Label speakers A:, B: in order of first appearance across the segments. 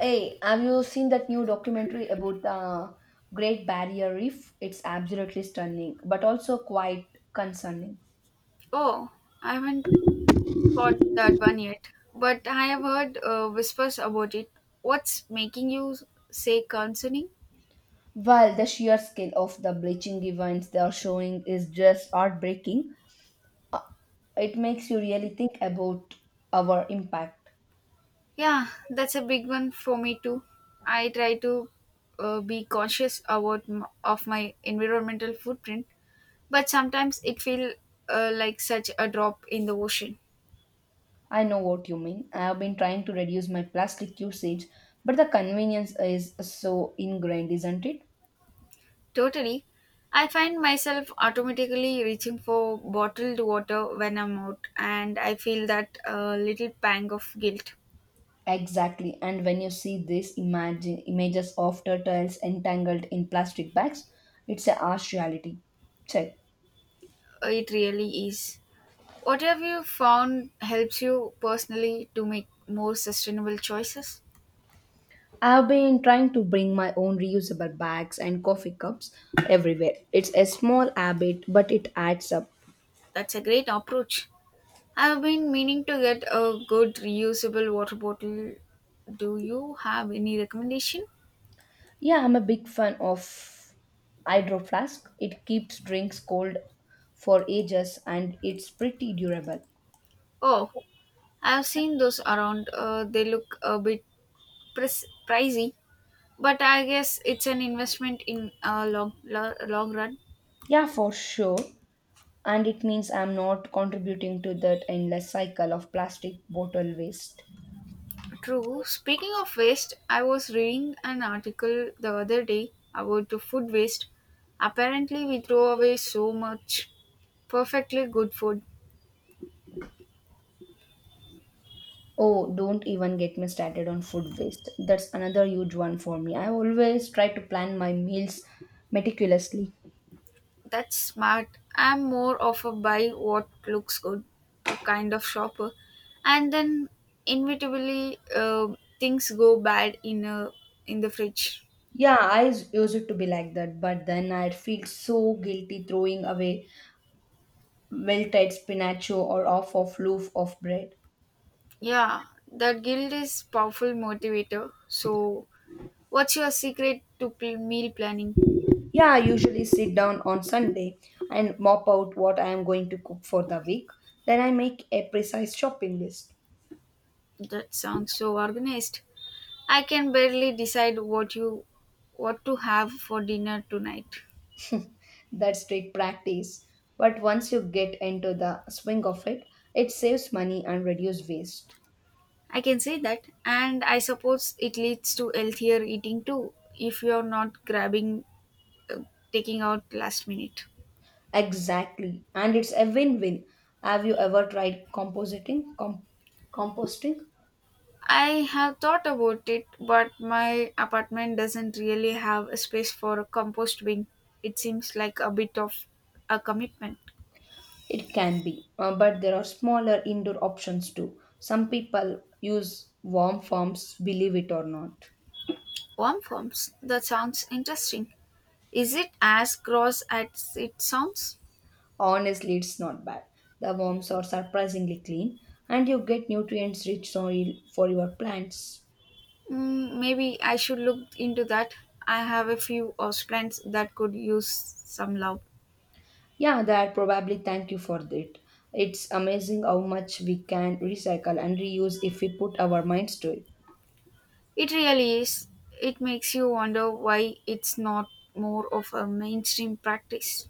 A: Hey, have you seen that new documentary about the Great Barrier Reef? It's absolutely stunning, but also quite concerning.
B: Oh, I haven't caught that one yet, but I have heard whispers about it. What's making you say concerning?
A: While the sheer scale of the bleaching events they are showing is just heartbreaking, it makes you really think about our impact.
B: Yeah, that's a big one for me too. I try to be conscious about of my environmental footprint, but sometimes it feels like such a drop in the ocean.
A: I know what you mean. I have been trying to reduce my plastic usage, but the convenience is so ingrained, isn't it?
B: Totally. I find myself automatically reaching for bottled water when I'm out, and I feel that little pang of guilt.
A: Exactly. And when you see these images of turtles entangled in plastic bags, it's a harsh reality. Check.
B: It really is. What have you found helps you personally to make more sustainable choices?
A: I've been trying to bring my own reusable bags and coffee cups everywhere. It's a small habit, but it adds up.
B: That's a great approach. I've been meaning to get a good reusable water bottle. Do you have any recommendation?
A: Yeah, I'm a big fan of hydro flask. It keeps drinks cold for ages and it's pretty durable.
B: Oh, I've seen those around. They look a bit pricey, but I guess it's an investment in a long, long run.
A: Yeah, for sure. and it means I'm not contributing to that endless cycle of plastic bottle waste.
B: True. Speaking of waste, I was reading an article the other day about the food waste. Apparently, we throw away so much perfectly good food.
A: Oh, don't even get me started on food waste. That's another huge one for me. I always try to plan my meals meticulously.
B: That's smart. I'm more of a buy what looks good, a kind of shopper. And then, inevitably, things go bad in the fridge.
A: Yeah, used it to be like that, but then I'd feel so guilty throwing away wilted spinacho or half of loaf of bread.
B: Yeah, that guilt is powerful motivator. So, what's your secret to meal planning?
A: Yeah, I usually sit down on Sunday and mop out what I am going to cook for the week. Then I make a precise shopping list.
B: That sounds so organized. I can barely decide what you what to have for dinner tonight.
A: That's strict practice. But once you get into the swing of it, it saves money and reduces waste.
B: I can say that and I suppose it leads to healthier eating too if you're not grabbing uh, taking out last minute.
A: Exactly. And it's a win-win. Have you ever tried compositing? Composting?
B: I have thought about it but my apartment doesn't really have a space for a compost bin. It seems like a bit of a commitment.
A: It can be, but there are smaller indoor options too. Some people use worm farms, believe it or not.
B: Worm forms. That sounds interesting. Is it as gross as it sounds?
A: Honestly, it's not bad. The worms are surprisingly clean, and you get nutrients rich soil for your plants.
B: Mm, maybe I should look into that. I have a few plants that could use some love.
A: Yeah, that probably thank you for that. It's amazing how much we can recycle and reuse if we put our minds to it.
B: It really is. It makes you wonder why it's not more of a mainstream practice.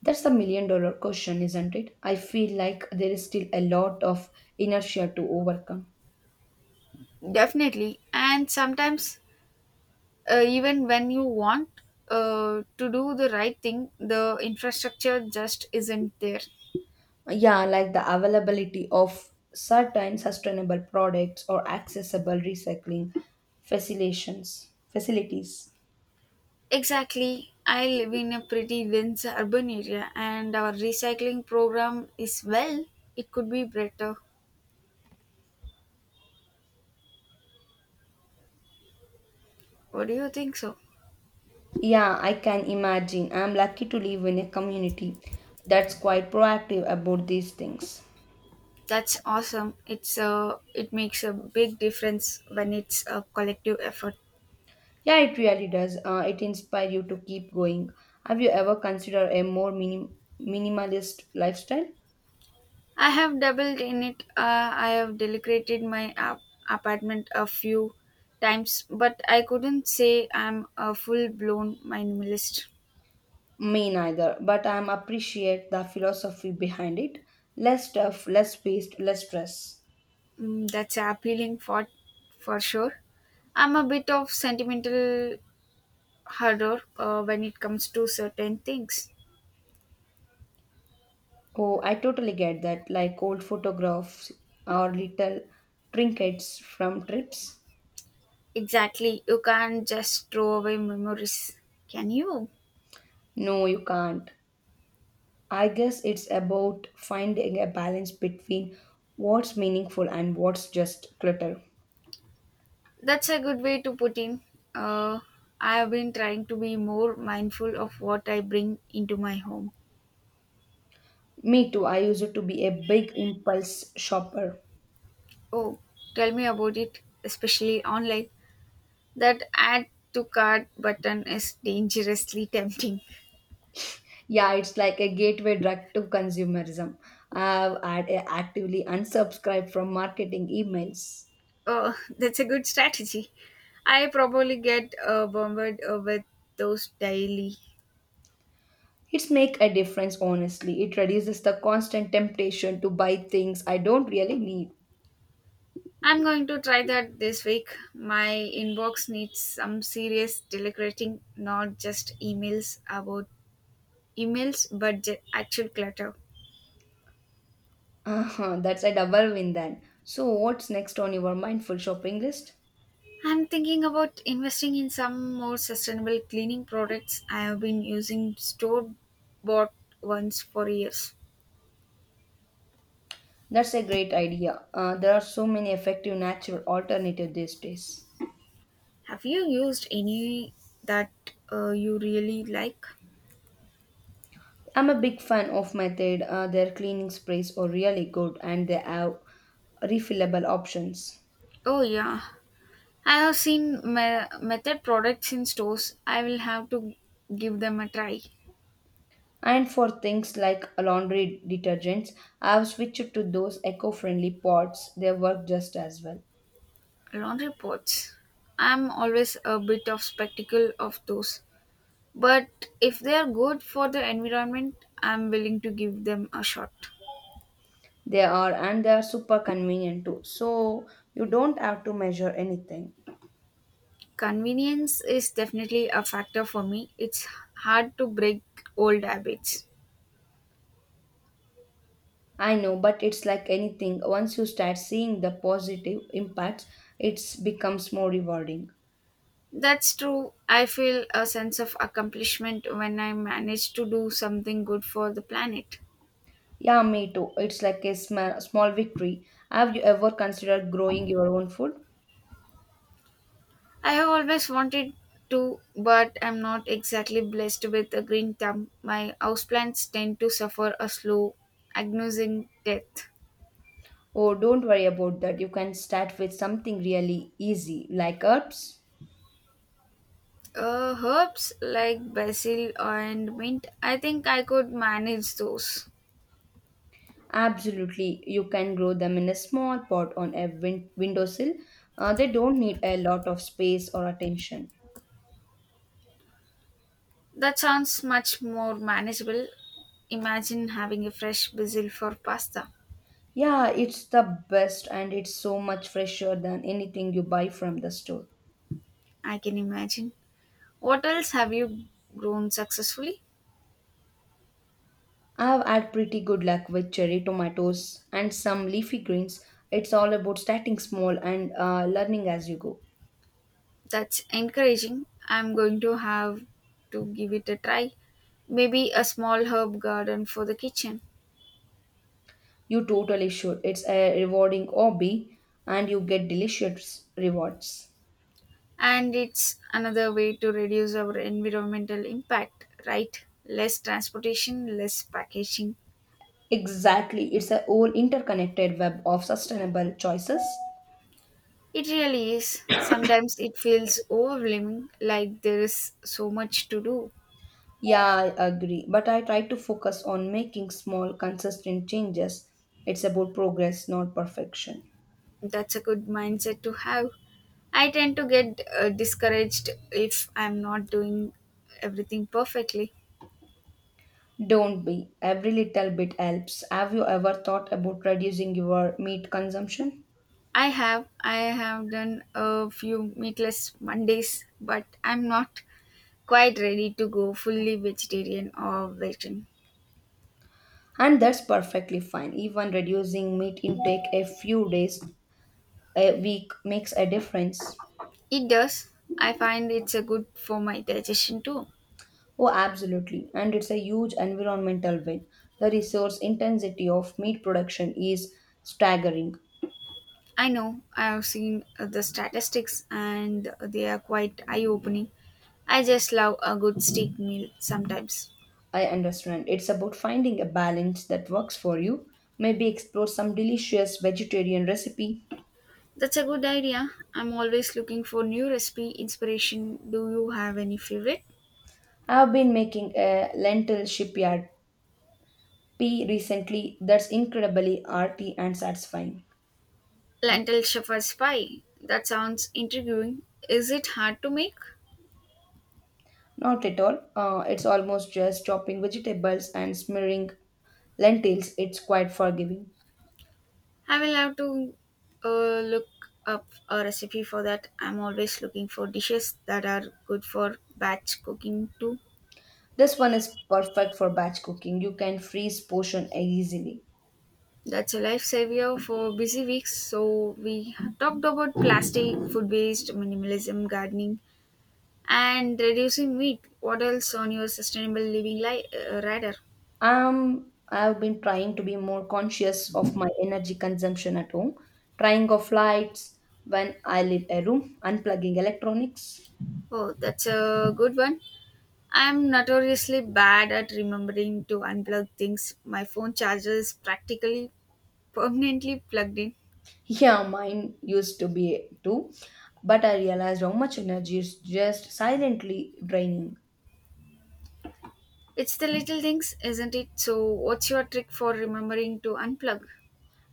A: That's the million dollar question, isn't it? I feel like there is still a lot of inertia to overcome.
B: Definitely. And sometimes, even when you want to do the right thing, the infrastructure just isn't there.
A: Yeah, like the availability of certain sustainable products or accessible recycling facilities.
B: Exactly. I live in a pretty dense urban area, and our recycling program is well, it could be better. What do you think so?
A: Yeah, I can imagine. I'm lucky to live in a community that's quite proactive about these things.
B: That's awesome. It makes a big difference when it's a collective effort.
A: Yeah, it really does. It inspires you to keep going. Have you ever considered a more minimalist lifestyle?
B: I have dabbled in it. I have decorated my apartment a few times, but I couldn't say I'm a full-blown minimalist.
A: Me neither, but I am appreciate the philosophy behind it. Less stuff, less waste, less stress.
B: Mm, that's appealing for sure. I'm a bit of sentimental horror when it comes to certain things.
A: Oh, I totally get that. Like old photographs or little trinkets from trips.
B: Exactly, you can't just throw away memories, can you?
A: No, you can't. I guess it's about finding a balance between what's meaningful and what's just clutter.
B: That's a good way to put in. Uh, I have been trying to be more mindful of what I bring into my home.
A: Me too. I used to be a big impulse shopper.
B: Oh, tell me about it, especially online. That add to cart button is dangerously tempting.
A: Yeah, it's like a gateway drug to consumerism. Actively unsubscribed from marketing emails.
B: Oh, that's a good strategy. I probably get bombarded with those daily.
A: It's make a difference honestly. It reduces the constant temptation to buy things I don't really need.
B: I'm going to try that this week. My inbox needs some serious deliberating, not just emails about emails but the actual clutter.
A: Uh-huh, that's a double win then. So what's next on your mindful shopping list?
B: I'm thinking about investing in some more sustainable cleaning products. I have been using store bought ones for years.
A: That's a great idea. There are so many effective natural alternatives these days.
B: Have you used any that you really like?
A: I'm a big fan of Method. Their cleaning sprays are really good and they have refillable options.
B: Oh, yeah. I have seen method products in stores. I will have to give them a try.
A: And for things like laundry detergents, I've switched to those eco-friendly pods. They work just as well.
B: Laundry pots. I'm always a bit of spectacle of those. But if they are good for the environment, I'm willing to give them a shot.
A: They are and they are super convenient too. So you don't have to measure anything.
B: Convenience is definitely a factor for me. It's hard to break old habits.
A: I know, but it's like anything. Once you start seeing the positive impacts, it becomes more rewarding.
B: That's true. I feel a sense of accomplishment when I manage to do something good for the planet.
A: Yeah, me too. It's like a small victory. Have you ever considered growing your own food?
B: I have always wanted to, but I'm not exactly blessed with a green thumb. My houseplants tend to suffer a slow, agonizing death.
A: Oh, don't worry about that. You can start with something really easy, like herbs.
B: Herbs like basil and mint, I think I could manage those.
A: Absolutely, you can grow them in a small pot on a windowsill. They don't need a lot of space or attention.
B: That sounds much more manageable. Imagine having a fresh basil for pasta.
A: Yeah, it's the best and it's so much fresher than anything you buy from the store.
B: I can imagine. What else have you grown successfully?
A: I've had pretty good luck with cherry tomatoes and some leafy greens. It's all about starting small and learning as you go.
B: That's encouraging. I'm going to have to give it a try. Maybe a small herb garden for the kitchen.
A: You totally should. It's a rewarding hobby and you get delicious rewards.
B: And it's another way to reduce our environmental impact, right? Less transportation, less packaging.
A: Exactly. It's a whole interconnected web of sustainable choices.
B: It really is. Sometimes it feels overwhelming, like there is so much to do.
A: Yeah, I agree. But I try to focus on making small, consistent changes. It's about progress, not perfection.
B: That's a good mindset to have. I tend to get discouraged if I'm not doing everything perfectly.
A: Don't be. Every little bit helps. Have you ever thought about reducing your meat consumption?
B: I have done a few meatless Mondays, but I'm not quite ready to go fully vegetarian or vegan.
A: And that's perfectly fine. Even reducing meat intake a few days a week makes a difference.
B: It does. I find it's a good for my digestion too.
A: Oh, absolutely. And it's a huge environmental win. The resource intensity of meat production is staggering.
B: I know I have seen the statistics and they are quite eye opening. I just love a good steak meal sometimes.
A: I understand. It's about finding a balance that works for you. Maybe explore some delicious vegetarian recipe.
B: That's a good idea. I'm always looking for new recipe inspiration. Do you have any favorite?
A: I've been making a lentil shipyard P recently that's incredibly arty and satisfying.
B: Lentil shepherd's pie. That sounds intriguing. Is it hard to make?
A: Not at all. It's almost just chopping vegetables and smearing lentils. It's quite forgiving.
B: I will have to look up a recipe for that. I'm always looking for dishes that are good for batch cooking too.
A: This one is perfect for batch cooking. You can freeze portion easily.
B: That's a lifesaver for busy weeks. So we talked about plastic, food waste, minimalism, gardening, and reducing meat. What else on your sustainable living radar?
A: I've been trying to be more conscious of my energy consumption at home, trying off lights when I leave a room, unplugging electronics.
B: Oh, that's a good one. I'm notoriously bad at remembering to unplug things. My phone charger is practically permanently plugged in.
A: Yeah, mine used to be too. But I realized how much energy is just silently draining.
B: It's the little things, isn't it? So, what's your trick for remembering to unplug?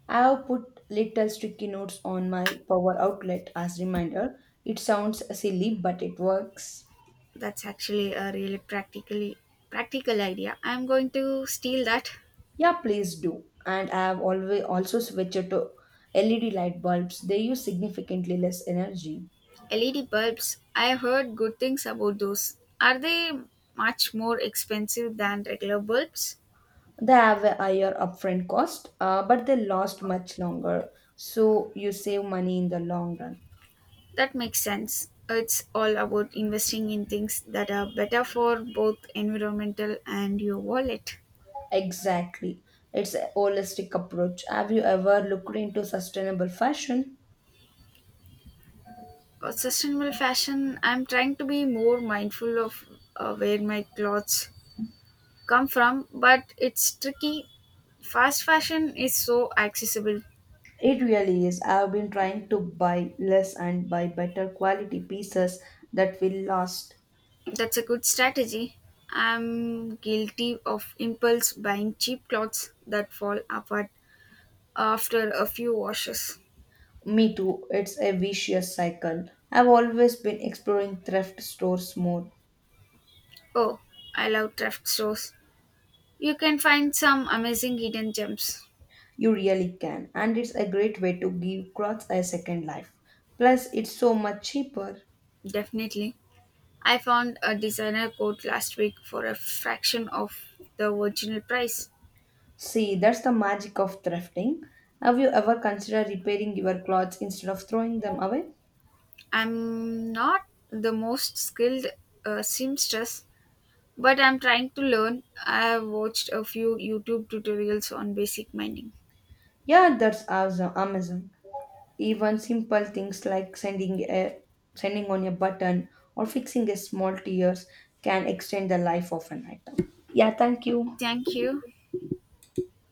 A: I have put little sticky notes on my power outlet as reminder. It sounds silly, but it works.
B: That's actually a really practical idea. I'm going to steal that.
A: Yeah, please do. And I have always also switched to LED light bulbs. They use significantly less energy.
B: LED bulbs. I heard good things about those. Are they much more expensive than regular bulbs?
A: They have a higher upfront cost, but they last much longer. So you save money in the long run.
B: That makes sense. It's all about investing in things that are better for both environmental and your wallet.
A: Exactly. It's a holistic approach. Have you ever looked into sustainable fashion?
B: Sustainable fashion. I'm trying to be more mindful of where my clothes come from, but it's tricky fast fashion is so accessible.
A: It really is. I've been trying to buy less and buy better quality pieces that will last.
B: That's a good strategy. I'm guilty of impulse buying cheap clothes that fall apart after a few washes.
A: Me too. It's a vicious cycle. I've always been exploring thrift stores more.
B: Oh, I love thrift stores. You can find some amazing hidden gems.
A: You really can. And it's a great way to give clothes a second life. Plus, it's so much cheaper.
B: Definitely. I found a designer coat last week for a fraction of the original price.
A: See, that's the magic of thrifting. Have you ever considered repairing your clothes instead of throwing them away?
B: I'm not the most skilled seamstress, but I'm trying to learn. I have watched a few YouTube tutorials on basic mining.
A: Yeah, that's awesome, amazing. Even simple things like sending on a button or fixing a small tears can extend the life of an item. Yeah, thank you.
B: Thank you.